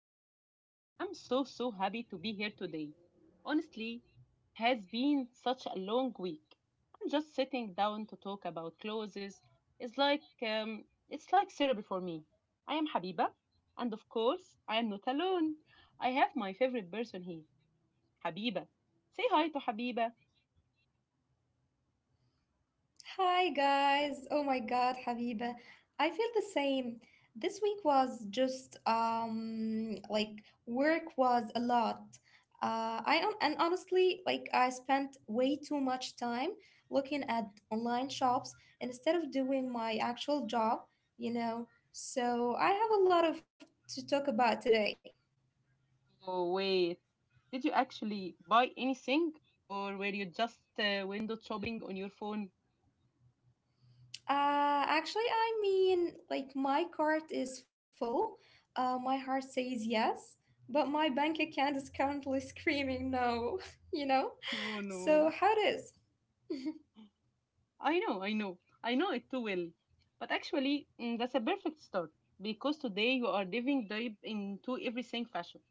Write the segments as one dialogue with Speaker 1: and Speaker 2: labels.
Speaker 1: Chat. I'm so happy to be here today. Honestly, has been such a long week. I'm just sitting down to talk about clothes. It's like therapy for me. I am Habiba, and of course, I am not alone. I have my favorite person here, Habiba. Say hi to Habiba.
Speaker 2: Hi guys. Oh my God, Habiba. I feel the same. This week was just like work was a lot. And honestly, like, I spent way too much time looking at online shops instead of doing my actual job, you know. So I have a lot of to talk about today.
Speaker 1: Oh wait, did you actually buy anything, or were you just window shopping on your phone?
Speaker 2: Actually, I mean, like, my cart is full. My heart says yes, but my bank account is currently screaming no, you know?
Speaker 1: Oh
Speaker 2: So, how it
Speaker 1: no.
Speaker 2: is?
Speaker 1: I know, I know it too well. But actually, that's a perfect start because today you are diving deep into everything fashion.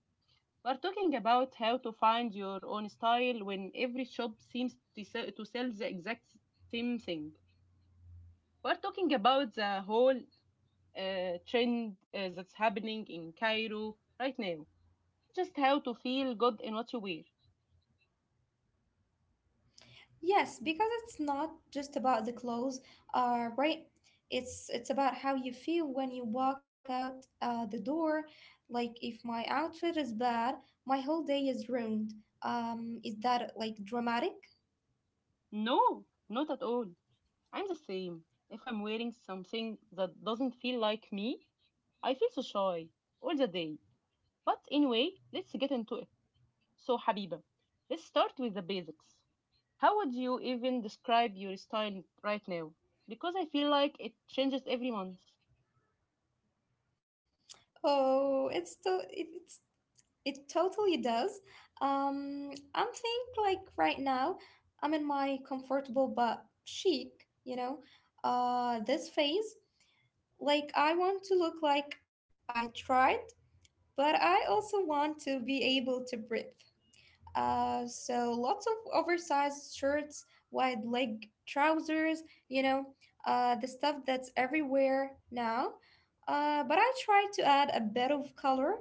Speaker 1: We're talking about how to find your own style when every shop seems to sell the exact same thing. We're talking about the whole trend that's happening in Cairo right now. Just how to feel good in what you wear.
Speaker 2: Yes, because it's not just about the clothes, right? It's about how you feel when you walk out the door. Like, if my outfit is bad, my whole day is ruined. Is that like dramatic?
Speaker 1: No, not at all. I'm the same. If I'm wearing something that doesn't feel like me, I feel so shy all the day. But anyway, let's get into it. So, Habiba, let's start with the basics. How would you even describe your style right now? Because I feel like it changes every month.
Speaker 2: Oh, it's still. It totally does. I'm think like right now, I'm in my comfortable but chic, you know, this phase. Like, I want to look like I tried, but I also want to be able to breathe. So lots of oversized shirts, wide leg trousers, you know, the stuff that's everywhere now. But I try to add a bit of color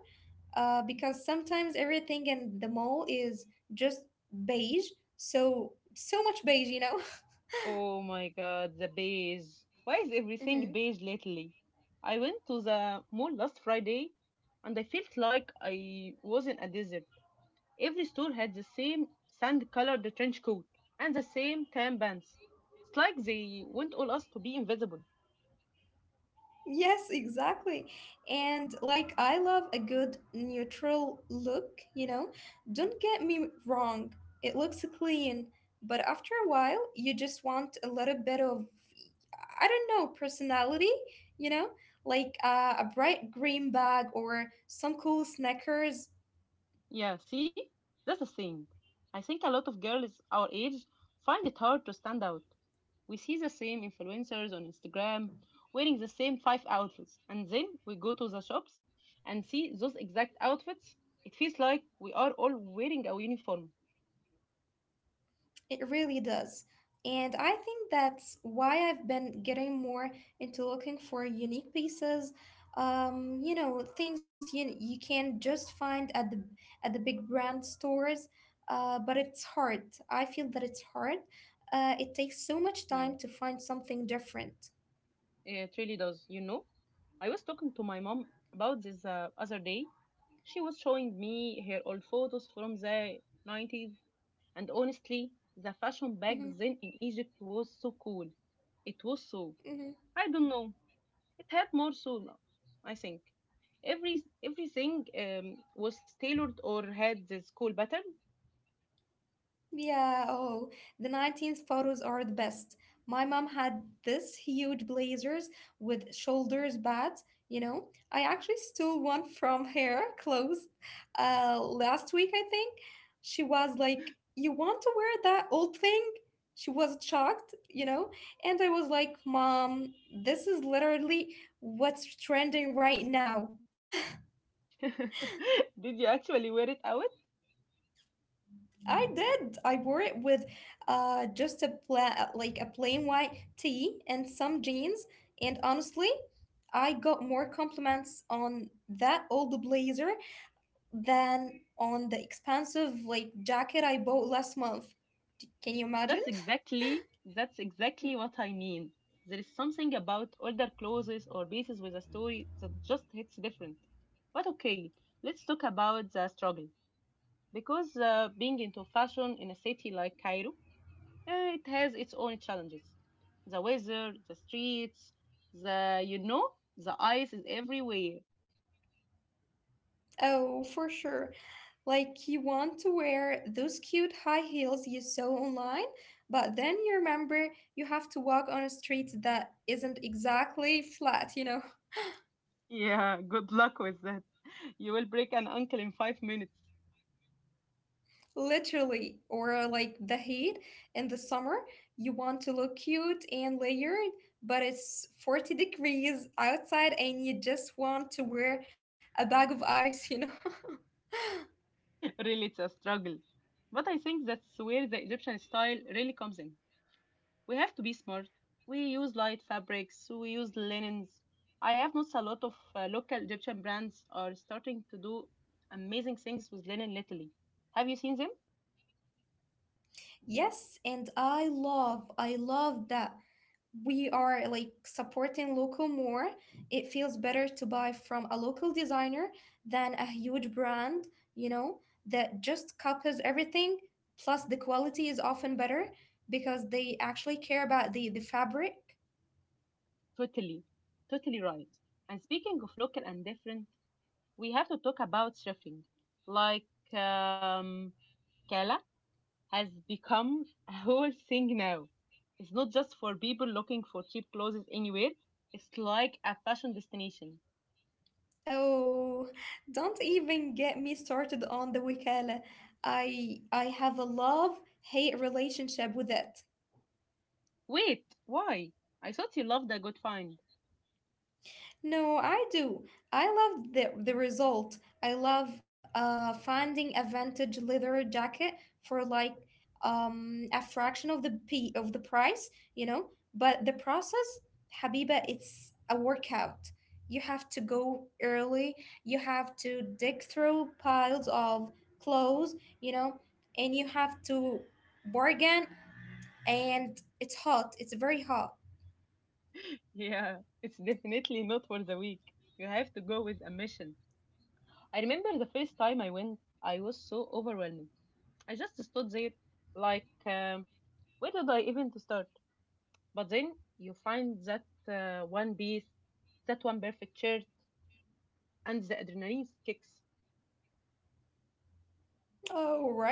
Speaker 2: because sometimes everything in the mall is just beige. So, so much beige, you know.
Speaker 1: Oh my god, the beige. Why is everything beige lately? I went to the mall last Friday and I felt like I was in a desert. Every store had the same sand colored trench coat and the same tan pants. It's like they want all us to be invisible.
Speaker 2: Yes, exactly. And like, I love a good neutral look, you know? Don't get me wrong, it looks clean, but after a while, you just want a little bit of, I don't know, personality, you know? Like a bright green bag or some cool Snickers.
Speaker 1: Yeah, see? That's the thing. I think a lot of girls our age find it hard to stand out. We see the same influencers on Instagram wearing the same five outfits, and then we go to the shops and see those exact outfits. It feels like we are all wearing a uniform.
Speaker 2: It really does. And I think that's why I've been getting more into looking for unique pieces. You know, things you can just find at the big brand stores. But it's hard. I feel that it's hard. It takes so much time to
Speaker 1: Yeah,
Speaker 2: find something different.
Speaker 1: it really does, you know? I was talking to my mom about this other day. She was showing me her old photos from the 90s. And honestly, the fashion back
Speaker 2: Mm-hmm,
Speaker 1: then in Egypt was so cool. It was so,
Speaker 2: mm-hmm.
Speaker 1: I don't know, it had more soul, I think. Everything was tailored or had this cool pattern.
Speaker 2: Yeah, oh, the 19th photos are the best. My mom had this huge blazers with shoulders pads, you know. I actually stole one from her clothes last week, I think. She was like, "You want to wear that old thing?" She was shocked, you know. And I was like, "Mom, this is literally what's trending right now."
Speaker 1: Did you actually wear it out?
Speaker 2: I did. I wore it with just a plain white tee and some jeans, and honestly, I got more compliments on that old blazer than on the expensive like jacket I bought last month. Can you
Speaker 1: That's
Speaker 2: imagine?
Speaker 1: exactly that's exactly what I mean. There is something about older clothes or pieces with a story that just hits different. But okay, let's talk about the struggle because being into fashion in a city like Cairo, it has its own challenges. The weather, the streets, the, you know, the ice is everywhere.
Speaker 2: Oh, for sure. Like, you want to wear those cute high heels you saw online, but then you remember you have to walk on a street that isn't exactly flat, you know?
Speaker 1: Yeah, good luck with that. You will break an ankle in 5 minutes.
Speaker 2: Literally, or like the heat in the summer, you want to look cute and layered, but it's 40 degrees outside and you just want to wear a bag of ice, you know?
Speaker 1: Really, it's a struggle. But I think that's where the Egyptian style really comes in. We have to be smart. We use light fabrics, we use linens. I have noticed a lot of local Egyptian brands are starting to do amazing things with linen lately. Have you seen them?
Speaker 2: Yes, and I love that. We are like supporting local more. It feels better to buy from a local designer than a huge brand, you know, that just copies everything. Plus the quality is often better because they actually care about the fabric.
Speaker 1: Totally, totally right. And speaking of local and different, we have to talk about surfing. Like, um, Kala has become a whole thing now. It's not just for people looking for cheap clothes anywhere, it's like a fashion destination.
Speaker 2: Oh, don't even get me started on the wikala. I have a love hate relationship with it.
Speaker 1: Wait, why? I thought you loved a good find.
Speaker 2: No, I do. I love the result. I love finding a vintage leather jacket for like a fraction of the p of the price, you know. But the process, Habiba, it's a workout. You have to go early. You have to dig through piles of clothes, you know, and you have to bargain. And it's hot. It's very hot.
Speaker 1: Yeah, it's definitely not for the weak. You have to go with a mission. I remember the first time I went, I was so overwhelmed. I just stood there like, where did I even to start? But then you find that one piece, that one perfect shirt, and the adrenaline kicks.
Speaker 2: Oh, right.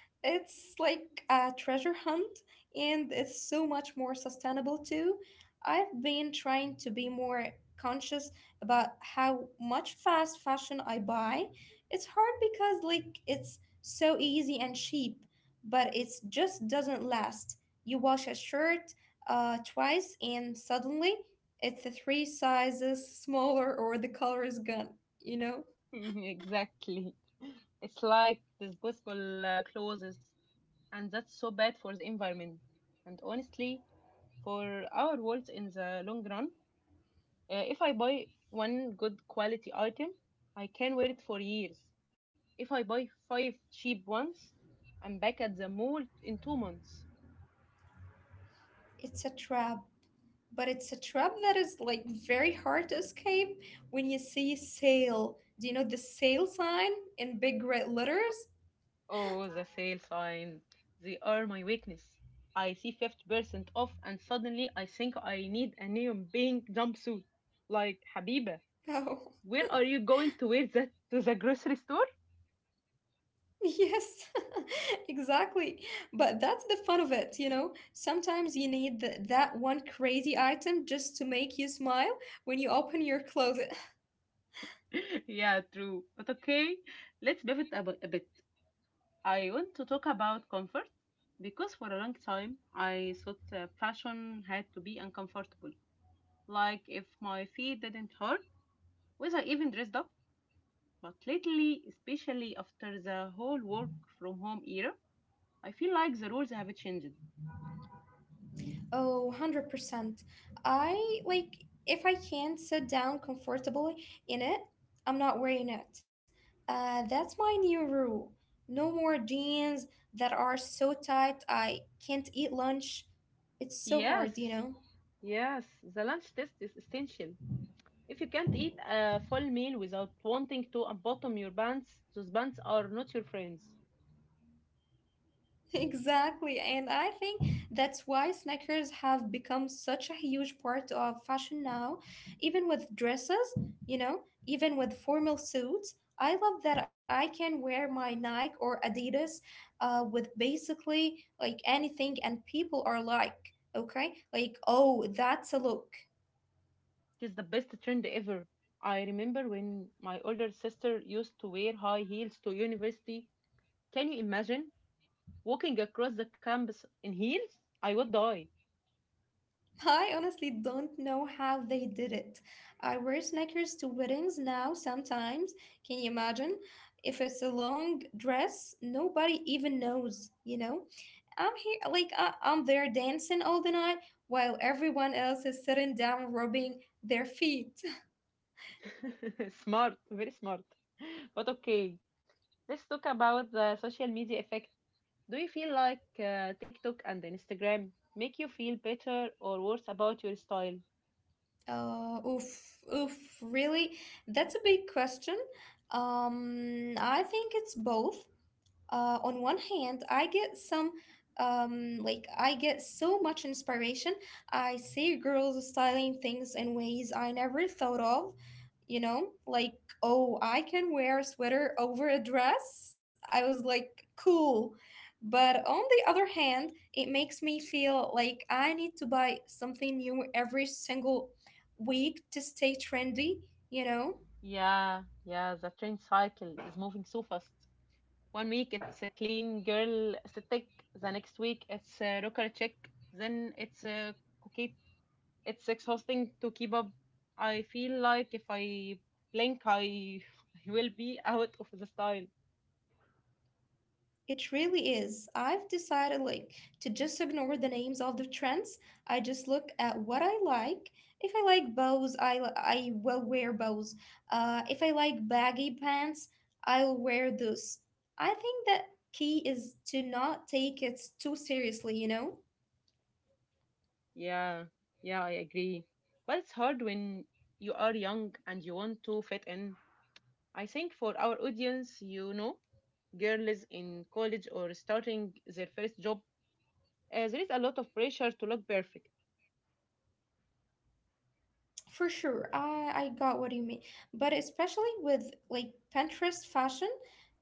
Speaker 2: It's like a treasure hunt, and it's so much more sustainable too. I've been trying to be more conscious about how much fast fashion I buy. It's hard because like it's so easy and cheap, but it just doesn't last. You wash a shirt twice, and suddenly it's 3 sizes smaller, or the color is gone. You know,
Speaker 1: Exactly. It's like disposable clothes, and that's so bad for the environment. And honestly, for our world in the long run, if I buy one good quality item, I can wear it for years. If I buy five cheap ones, I'm back at the mall in 2 months.
Speaker 2: it's a trap. But it's a trap that is like very hard to escape when you see sale. Do you know the sale sign in big red letters?
Speaker 1: Oh, the sale sign. They are my weakness. I see 50% off and suddenly I think I need a neon pink jumpsuit. Like, Habiba,
Speaker 2: Oh,
Speaker 1: where are you going to wear that? To the grocery store?
Speaker 2: yes, exactly. But that's the fun of it, you know? Sometimes you need that one crazy item just to make you smile when you open your closet.
Speaker 1: Yeah, true. But okay, let's pivot a bit. I want to talk about comfort because for a long time I thought fashion had to be uncomfortable. Like, if my feet didn't hurt, was I even dressed up? But lately, especially after the whole work from home era, I feel like the rules have changed.
Speaker 2: Oh, 100%. I like if I can not sit down comfortably in it, I'm not wearing it. That's my new rule. No more jeans that are so tight I can't eat lunch. It's so hard, you know?
Speaker 1: Yes, yes, the lunch test is essential. If you can't eat a full meal without wanting to unbutton your pants, those pants are not your friends.
Speaker 2: Exactly, and I think that's why sneakers have become such a huge part of fashion now, even with dresses, you know, even with formal suits. I love that I can wear my Nike or Adidas with basically like anything, and people are like, okay, like, oh, that's a look.
Speaker 1: It is the best trend ever. I remember when my older sister used to wear high heels to university. Can you imagine walking across the campus in heels? I would die.
Speaker 2: I honestly don't know how they did it. I wear sneakers to weddings now sometimes. Can you imagine? If it's a long dress, nobody even knows, you know? I'm here, like, I'm there dancing all the night while everyone else is sitting down rubbing their feet.
Speaker 1: Smart, very smart. But okay, let's talk about the social media effect. Do you feel like TikTok and Instagram make you feel better or worse about your style?
Speaker 2: Oof, oof, really? That's a big question. I think it's both. On one hand, I get so much inspiration. I see girls styling things in ways I never thought of, you know, like, oh, I can wear a sweater over a dress. I was like, cool. But on the other hand, it makes me feel like I need to buy something new every single week to stay trendy, you know?
Speaker 1: Yeah, the trend cycle is moving so fast. One week it's a clean girl aesthetic, the next week it's a rocker chick, then it's a cookie. It's exhausting to keep up. I feel like if I blink, I I will be out of the style.
Speaker 2: It really is. I've decided like to just ignore the names of the trends. I just look at what I like. If I like bows, I will wear bows. If I like baggy pants, I'll wear those. I think that key is to not take it too seriously, you know?
Speaker 1: Yeah, yeah, I agree. But it's hard when you are young and you want to fit in. I think for our audience, you know, girls in college or starting their first job, there is a lot of pressure to look perfect.
Speaker 2: For sure, I got what you mean. But especially with like Pinterest fashion,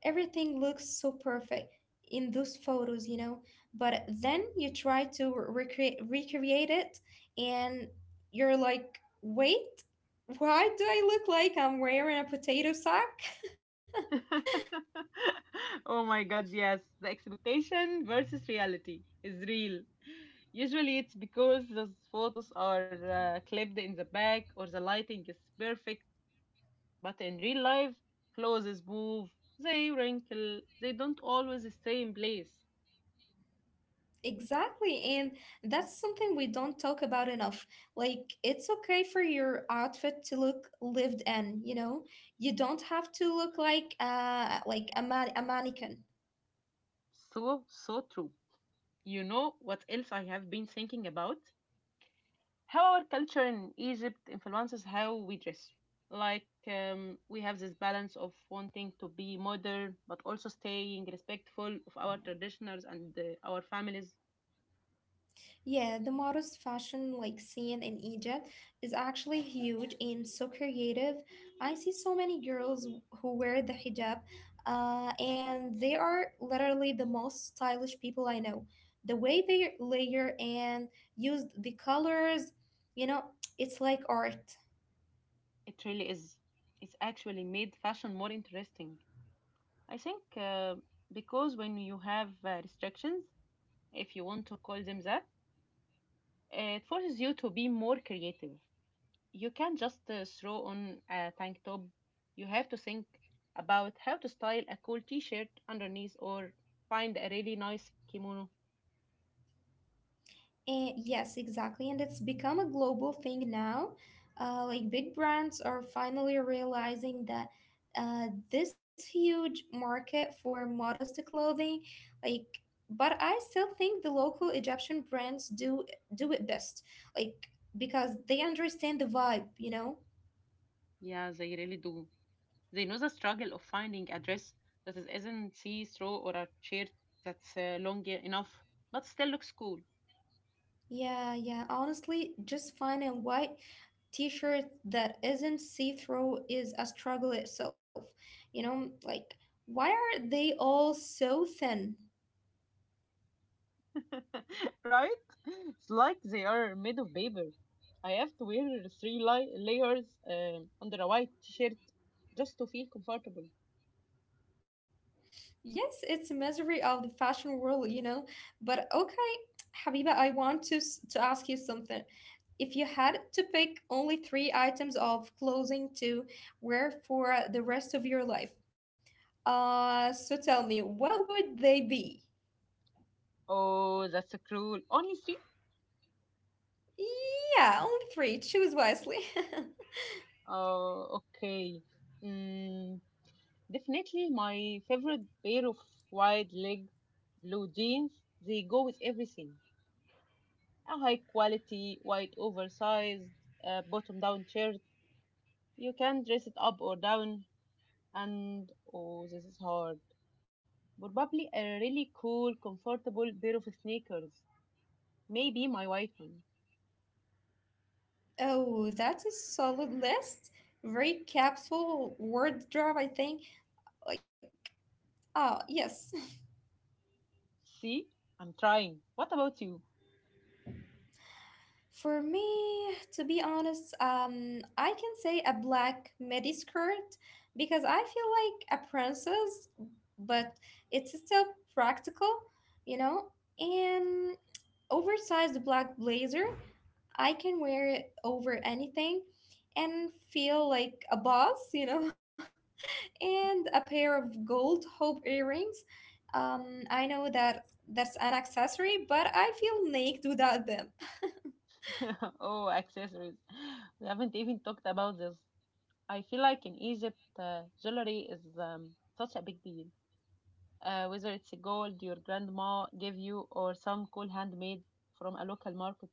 Speaker 2: everything looks so perfect in those photos, you know. But then you try to recreate it, and you're like, wait, why do I look like I'm wearing a potato sack?
Speaker 1: Oh my God, yes. The expectation versus reality is real. Usually it's because those photos are clipped in the back or the lighting is perfect. But in real life, clothes move, they wrinkle, they don't always stay in place.
Speaker 2: Exactly, and that's something we don't talk about enough. Like, it's okay for your outfit to look lived in, you know? You don't have to look like a mannequin.
Speaker 1: So true. You know what else I have been thinking about? How our culture in Egypt influences how we dress. Like, we have this balance of wanting to be modern, but also staying respectful of our traditionals and our families.
Speaker 2: Yeah, the modest fashion like scene in Egypt is actually huge and so creative. I see so many girls who wear the hijab, and they are literally the most stylish people I know. The way they layer and use the colors, you know, it's like art.
Speaker 1: It really is. It's actually made fashion more interesting. I think because when you have restrictions, if you want to call them that. It forces you to be more creative. You can't just throw on a tank top. You have to think about how to style a cool t shirt underneath or find a really nice kimono.
Speaker 2: Eh, yes, exactly. And it's become a global thing now. Like, big brands are finally realizing that this huge market for modest clothing, like, but I still think the local Egyptian brands do it best, like because they understand the vibe, you know.
Speaker 1: Yeah, they really do. They know the struggle of finding a dress that isn't see through or a shirt that's long enough but still looks cool.
Speaker 2: Yeah, yeah. Honestly, just finding what t-shirt that isn't see-through is a struggle itself, you know. Like, why are they all so thin?
Speaker 1: Right? It's like they are made of paper. I have to wear three layers under a white t-shirt just to feel comfortable.
Speaker 2: Yes, it's a misery of the fashion world, you know. But okay, Habiba, I want to to ask you something. If you had to pick only 3 items of clothing to wear for the rest of your life, so tell me, what would they be?
Speaker 1: Oh, that's a cruel. Only three?
Speaker 2: Yeah, only 3. Choose wisely.
Speaker 1: Oh, okay. Mm, definitely my favorite pair of wide leg blue jeans. They go with everything. A high quality, white oversized, bottom down shirt. You can dress it up or down. And oh, this is hard. Probably a really cool, comfortable pair of sneakers. Maybe my white one.
Speaker 2: Oh, that's a solid list. Very capsule word drop, I think. Like, oh, yes.
Speaker 1: See? I'm trying. What about you?
Speaker 2: For me, to be honest, I can say a black midi skirt because I feel like a princess, but it's still practical, you know? And oversized black blazer, I can wear it over anything and feel like a boss, you know? And a pair of gold hope earrings. I know that that's an accessory, but I feel naked without them.
Speaker 1: Oh, accessories. We haven't even talked about this. I feel like in Egypt, jewelry is such a big deal. Whether it's gold your grandma gave you or some cool handmade from a local market.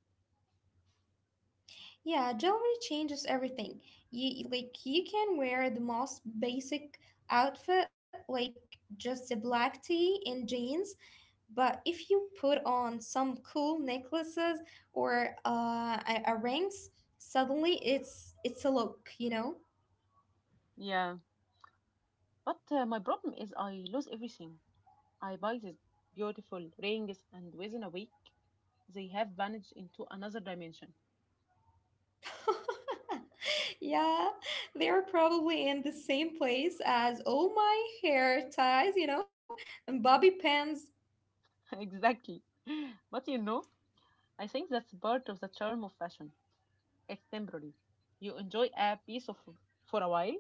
Speaker 2: Yeah, jewelry changes everything. You like you can wear the most basic outfit, like just a black tee and jeans, but if you put on some cool necklaces or a rings, suddenly it's a look, you know.
Speaker 1: Yeah. But my problem is I lose everything. I buy these beautiful rings and within a week they have vanished into another dimension.
Speaker 2: Yeah, they are probably in the same place as all my hair ties, you know, and bobby pins.
Speaker 1: Exactly. But you know, I think that's part of the charm of fashion. It's temporary. You enjoy a piece of for a while.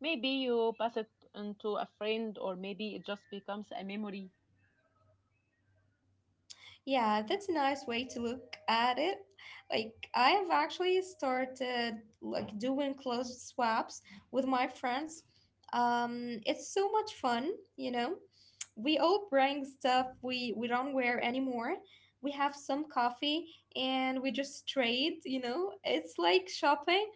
Speaker 1: Maybe you pass it on to a friend, or maybe it just becomes a memory.
Speaker 2: Yeah, that's a nice way to look at it. Like, I have actually started like doing clothes swaps with my friends. It's so much fun, you know. We all bring stuff we don't wear anymore. We have some coffee and we just trade, you know. It's like shopping,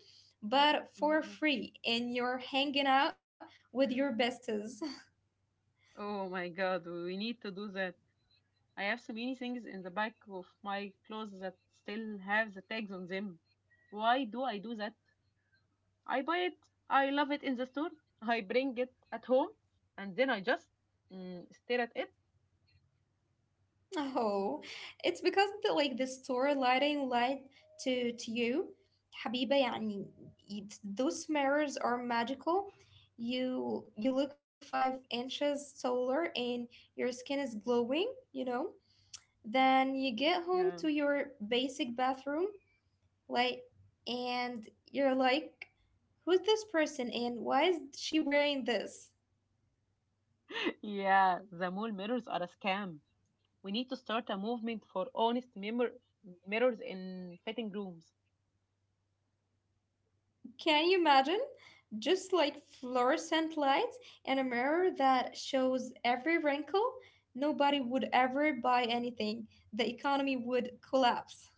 Speaker 2: but
Speaker 1: Mhm,
Speaker 2: for
Speaker 1: yeah.
Speaker 2: free, and you're hanging out with your besties.
Speaker 1: Oh my God, we need to do that. I have so many things in the back of my clothes that still have the tags on them. Why do I do that? I buy it, I love it in the store, I bring it at home, and then I just stare at it.
Speaker 2: Oh, it's because the like the store lighting lied to you, حبيبة يعني, those mirrors are magical. You look 5 inches taller and your skin is glowing, you know. Then you get home to
Speaker 1: Yeah.
Speaker 2: your basic bathroom, like, and you're like, who's this person and why is she wearing this?
Speaker 1: Yeah, the mall mirrors are a scam. We need to start a movement for honest mirrors in fitting rooms.
Speaker 2: Can you imagine? Just like fluorescent lights and a mirror that shows every wrinkle, nobody would ever buy anything. The economy would collapse.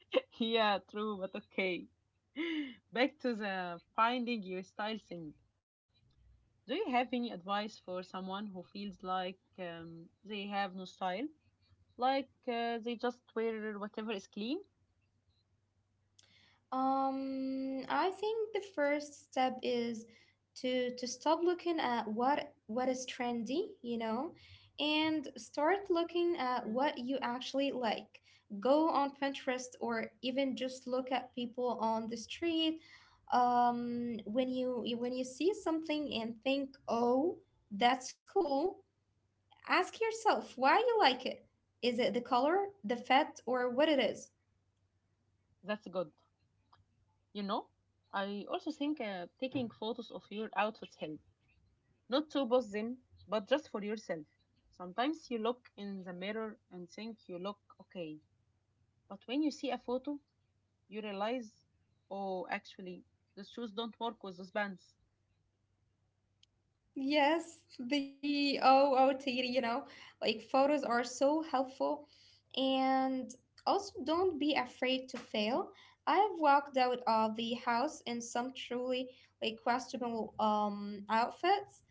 Speaker 1: Yeah, true, but okay. Back to the finding your style thing. Do you have any advice for someone who feels like they have no style? Like they just wear whatever is clean?
Speaker 2: I think the first step is to stop looking at what is trendy, you know, and start looking at
Speaker 1: Yeah.
Speaker 2: what you actually like. Go on Pinterest or even just look at people on the street. When when you see something and think, "Oh, that's cool," ask yourself why you like it. Is it the color, the fit, or what it is?
Speaker 1: That's good. You know, I also think taking photos of your outfits help. Not to boss them, but just for yourself. Sometimes you look in the mirror and think you look okay, but when you see a photo, you realize, oh, actually, those shoes don't work with those bands.
Speaker 2: Yes, the OOTD, you know, like photos are so helpful. And also, don't be afraid to fail. I have walked out of the house in some truly like questionable outfits.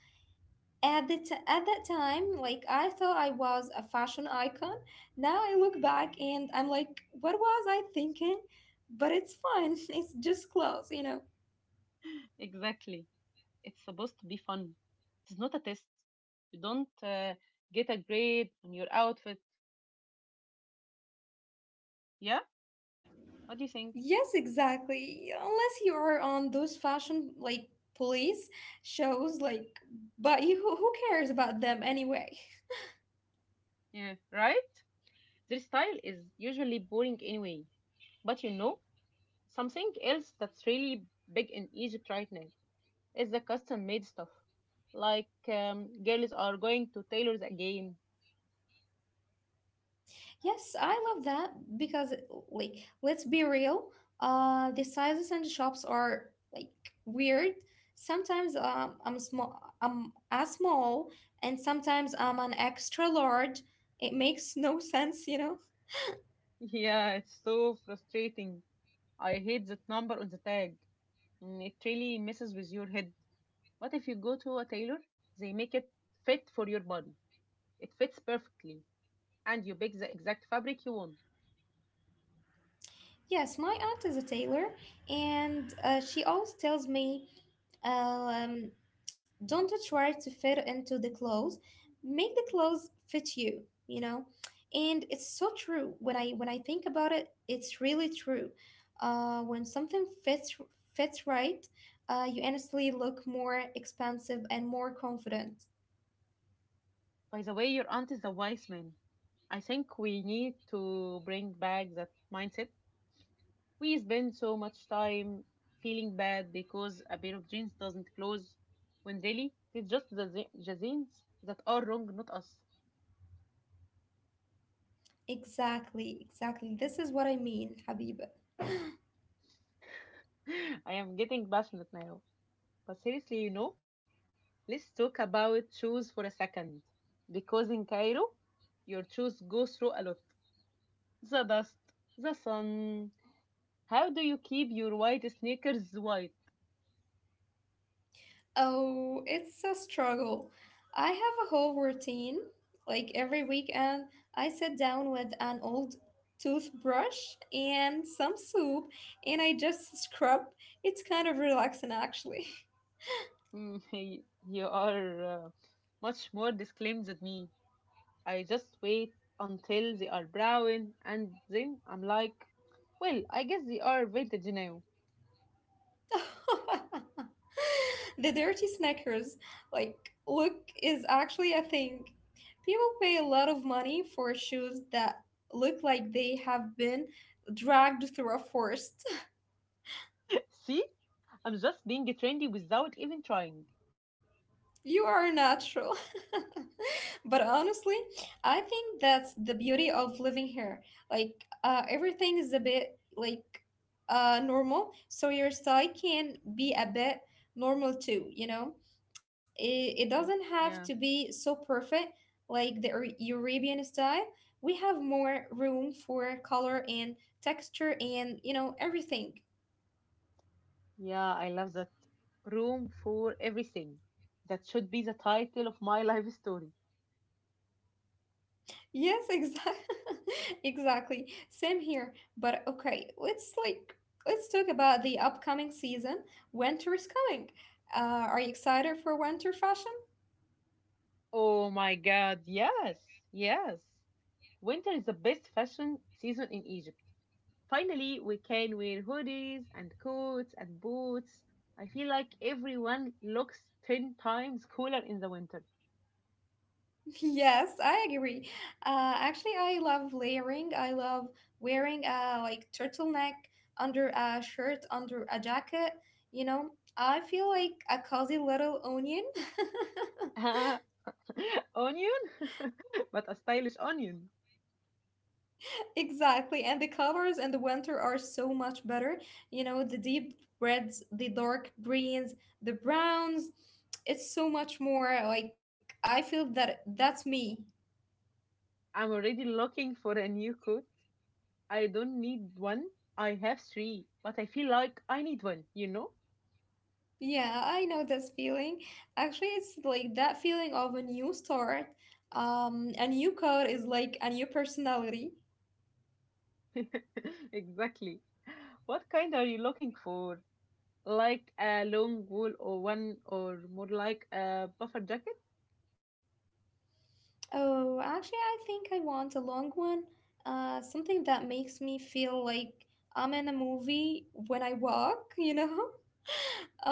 Speaker 2: At that time, like I thought I was a fashion icon. Now I look back and I'm like, what was I thinking? But it's fine. It's just clothes.
Speaker 1: Exactly. It's supposed to be fun. It's not a test. You don't get a grade on your outfit. Yeah? What do you think?
Speaker 2: Yes, exactly. Unless you are on those fashion like police shows, like, but you who cares about them anyway?
Speaker 1: Yeah, right? Their style is usually boring anyway. But you know, something else that's really big in Egypt right now. It's the custom made stuff. Like girls are going to tailors again.
Speaker 2: Yes, I love that because like let's be real, the sizes and the shops are like weird. Sometimes I'm a small, and sometimes I'm an extra large. It makes no sense, you know.
Speaker 1: Yeah, it's so frustrating. I hate that number on the tag. Mm, it really messes with your head. What if you go to a tailor? They make it fit for your body. It fits perfectly, and you pick the exact fabric you want.
Speaker 2: Yes, my aunt is a tailor, and she always tells me, um, don't try to fit into the clothes. Make the clothes fit you, you know? And it's so true. When I think about it, it's really true. When something fits right, you honestly look more expansive and more confident.
Speaker 1: By the way, your aunt is a wise man. I think we need to bring back that mindset. We spend so much time feeling bad because a pair of jeans doesn't close when really it's just the jeans that are wrong, not us.
Speaker 2: Exactly, exactly. This is what I mean, Habiba.
Speaker 1: I am getting passionate now. But seriously, let's talk about shoes for a second. Because in Cairo, your shoes go through a lot. The dust, the sun. How do you keep your white sneakers white?
Speaker 2: Oh, it's a struggle. I have a whole routine. Like every weekend, I sit down with an old toothbrush and some soap and I just scrub. It's kind of relaxing actually.
Speaker 1: Mm, you are much more disclaimed than me. I just wait until they are brown and then I'm like, well, I guess they are vintage now.
Speaker 2: The dirty snackers, like, look is actually a thing. People pay a lot of money for shoes that look like they have been dragged through a forest.
Speaker 1: See? I'm just being trendy without even trying.
Speaker 2: You are natural. But honestly, I think that's the beauty of living here. Like, everything is a bit like normal, so your style can be a bit normal too, you know? It doesn't have
Speaker 1: Yeah.
Speaker 2: to be so perfect like the European style. We have more room for color and texture and, you know, everything.
Speaker 1: Yeah, I love that. Room for everything. That should be the title of my life story.
Speaker 2: Yes, exactly. Exactly. Same here. But okay, let's talk about the upcoming season. Winter is coming. Uh, are you excited for winter fashion?
Speaker 1: Oh my god, yes. Yes. Winter is the best fashion season in Egypt. Finally, we can wear hoodies and coats and boots. I feel like everyone looks 10 times cooler in the winter.
Speaker 2: Yes, I agree. Actually, I love layering. I love wearing a like turtleneck under a shirt, under a jacket. You know, I feel like a cozy little onion.
Speaker 1: Onion? But a stylish onion.
Speaker 2: Exactly. And the colors in the winter are so much better. You know, the deep reds, the dark greens, the browns. It's so much more like I feel that that's me.
Speaker 1: I'm already looking for a new coat. I don't need one. I have three, but I feel like I need one, you know?
Speaker 2: Yeah, I know this feeling. Actually, it's like that feeling of a new start. A new coat is like a new personality.
Speaker 1: Exactly. What kind are you looking for? Like a long wool or one or more like a buffer jacket?
Speaker 2: Oh, actually, I think I want a long one. Something that makes me feel like I'm in a movie when I walk, you know?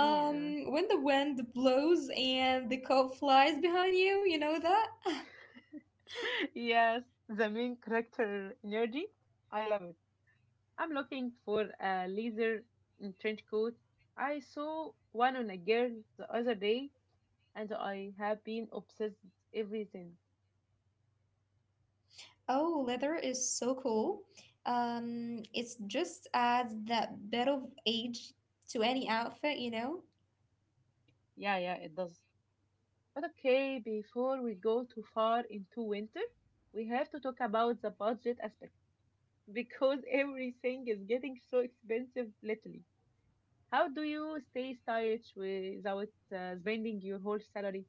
Speaker 1: Yeah.
Speaker 2: When the wind blows and the coat flies behind you, you know that?
Speaker 1: Yes, the main character energy. I love it. I'm looking for a laser, mm, trench coat. I saw one on a girl the other day, and I have been obsessed with everything.
Speaker 2: Oh, leather is so cool. It just adds that bit of age to any outfit, you know?
Speaker 1: Yeah, yeah, it does. But okay, before we go too far into winter, we have to talk about the budget aspect because everything is getting so expensive lately. How do you stay stylish without spending your whole salary?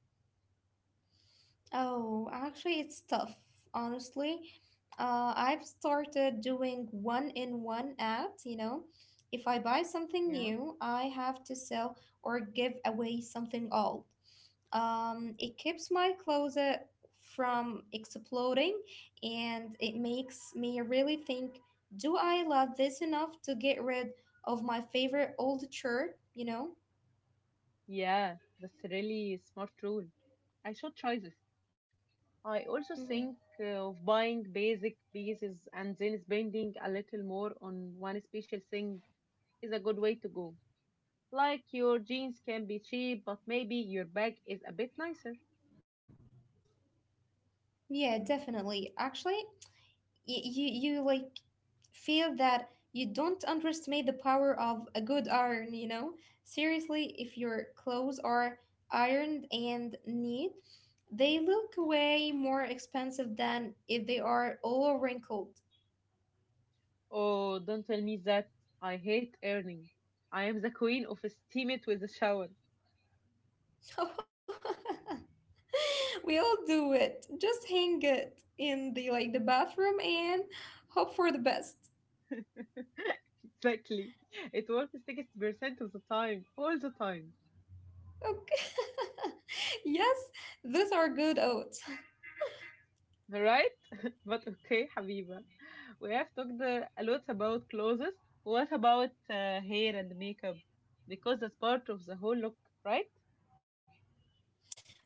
Speaker 2: Oh, actually, it's tough, honestly. I've started doing one in one out, you know? If I buy something
Speaker 1: Yeah.
Speaker 2: new, I have to sell or give away something old. It keeps my closet from exploding and it makes me really think, do I love this enough to get rid of my favorite old shirt? You know?
Speaker 1: Yeah, that's a really smart rule. I should try this. I also
Speaker 2: Hmm.
Speaker 1: think of buying basic pieces and then spending a little more on one special thing is a good way to go. Like your jeans can be cheap, but maybe your bag is a bit nicer.
Speaker 2: Yeah, definitely. Actually, you, you like feel that you don't underestimate the power of a good iron, you know? Seriously, if your clothes are ironed and neat, they look way more expensive than if they are all wrinkled.
Speaker 1: Oh, don't tell me that. I hate earning. I am the queen of steam it with a shower.
Speaker 2: We all do it. Just hang it in the bathroom and hope for the best.
Speaker 1: Exactly. It works 60% of the time, all the time.
Speaker 2: Okay. Yes, those are good oats.
Speaker 1: Right? But okay, Habiba, we have talked a lot about clothes. What about hair and makeup? Because that's part of the whole look, right?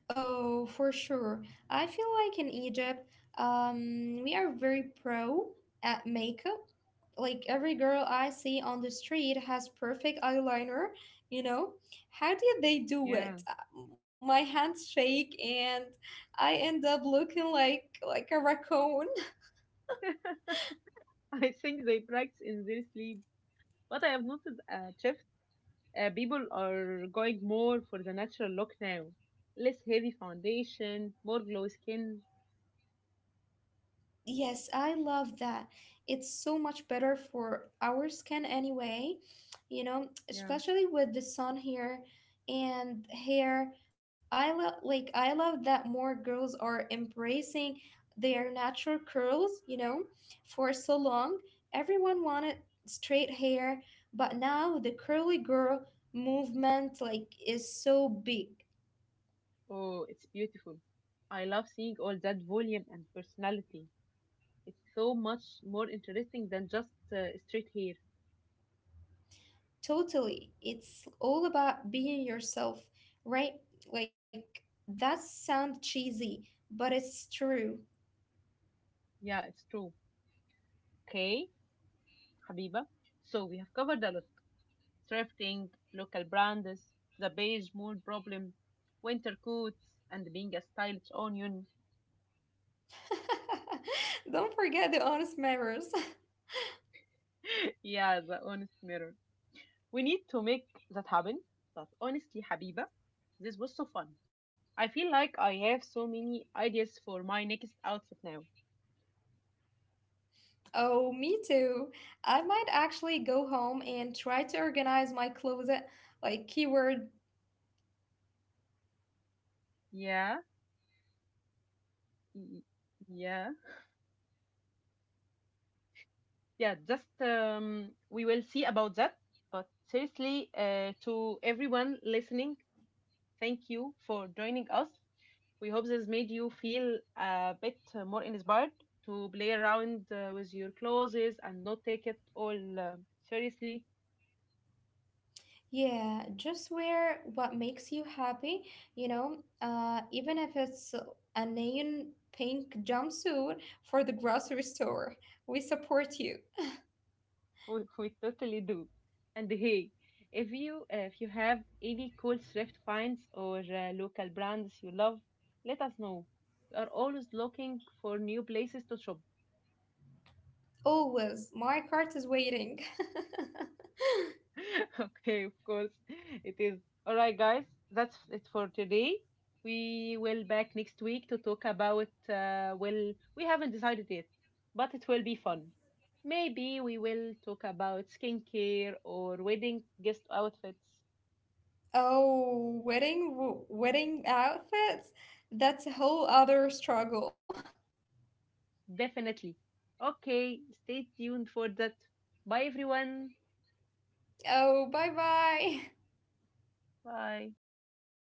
Speaker 2: Oh, for sure. I feel like in Egypt, we are very pro at makeup. Like every girl I see on the street has perfect eyeliner, you know? How did they do
Speaker 1: Yeah.
Speaker 2: it? My hands shake and I end up looking like a raccoon.
Speaker 1: I think they practice in their sleep. But I have noticed a shift. People are going more for the natural look now. Less heavy foundation, more glowy skin.
Speaker 2: Yes, I love that. It's so much better for our skin anyway, you know,
Speaker 1: Yeah.
Speaker 2: especially with the sun here and hair. I love that more girls are embracing their natural curls, you know, for so long. Everyone wanted straight hair, but now the curly girl movement like is so big.
Speaker 1: Oh, it's beautiful. I love seeing all that volume and personality. It's so much more interesting than just straight hair.
Speaker 2: Totally. It's all about being yourself, right? Like, that sounds cheesy, but it's true.
Speaker 1: Yeah, it's true. Okay, Habiba. So we have covered a lot: thrifting, local brands, the beige mold problem, winter coats, and being a stylish onion.
Speaker 2: Don't forget the honest matters.
Speaker 1: Yeah, the honest mirror. We need to make that happen. But honestly, Habiba, this was so fun. I feel like I have so many ideas for my next outfit now.
Speaker 2: Oh, me too. I might actually go home and try to organize my closet, like keyword.
Speaker 1: Yeah, y- yeah, yeah. Just we will see about that. But seriously, to everyone listening, thank you for joining us. We hope this made you feel a bit more inspired to play around with your clothes and not take it all seriously.
Speaker 2: Yeah, just wear what makes you happy, you know, even if it's a neon pink jumpsuit for the grocery store. We support you.
Speaker 1: We, we totally do. And hey, if you have any cool thrift finds or local brands you love, let us know. We are always looking for new places to shop.
Speaker 2: Always. My cart is waiting.
Speaker 1: Okay, of course. It is. All right, guys. That's it for today. We will back next week to talk about, uh, well, we haven't decided yet, but it will be fun. Maybe we will talk about skincare or wedding guest outfits.
Speaker 2: Oh, wedding wedding outfits? That's a whole other struggle.
Speaker 1: Definitely. Okay, stay tuned for that. Bye everyone.
Speaker 2: Oh, bye bye.
Speaker 1: Bye.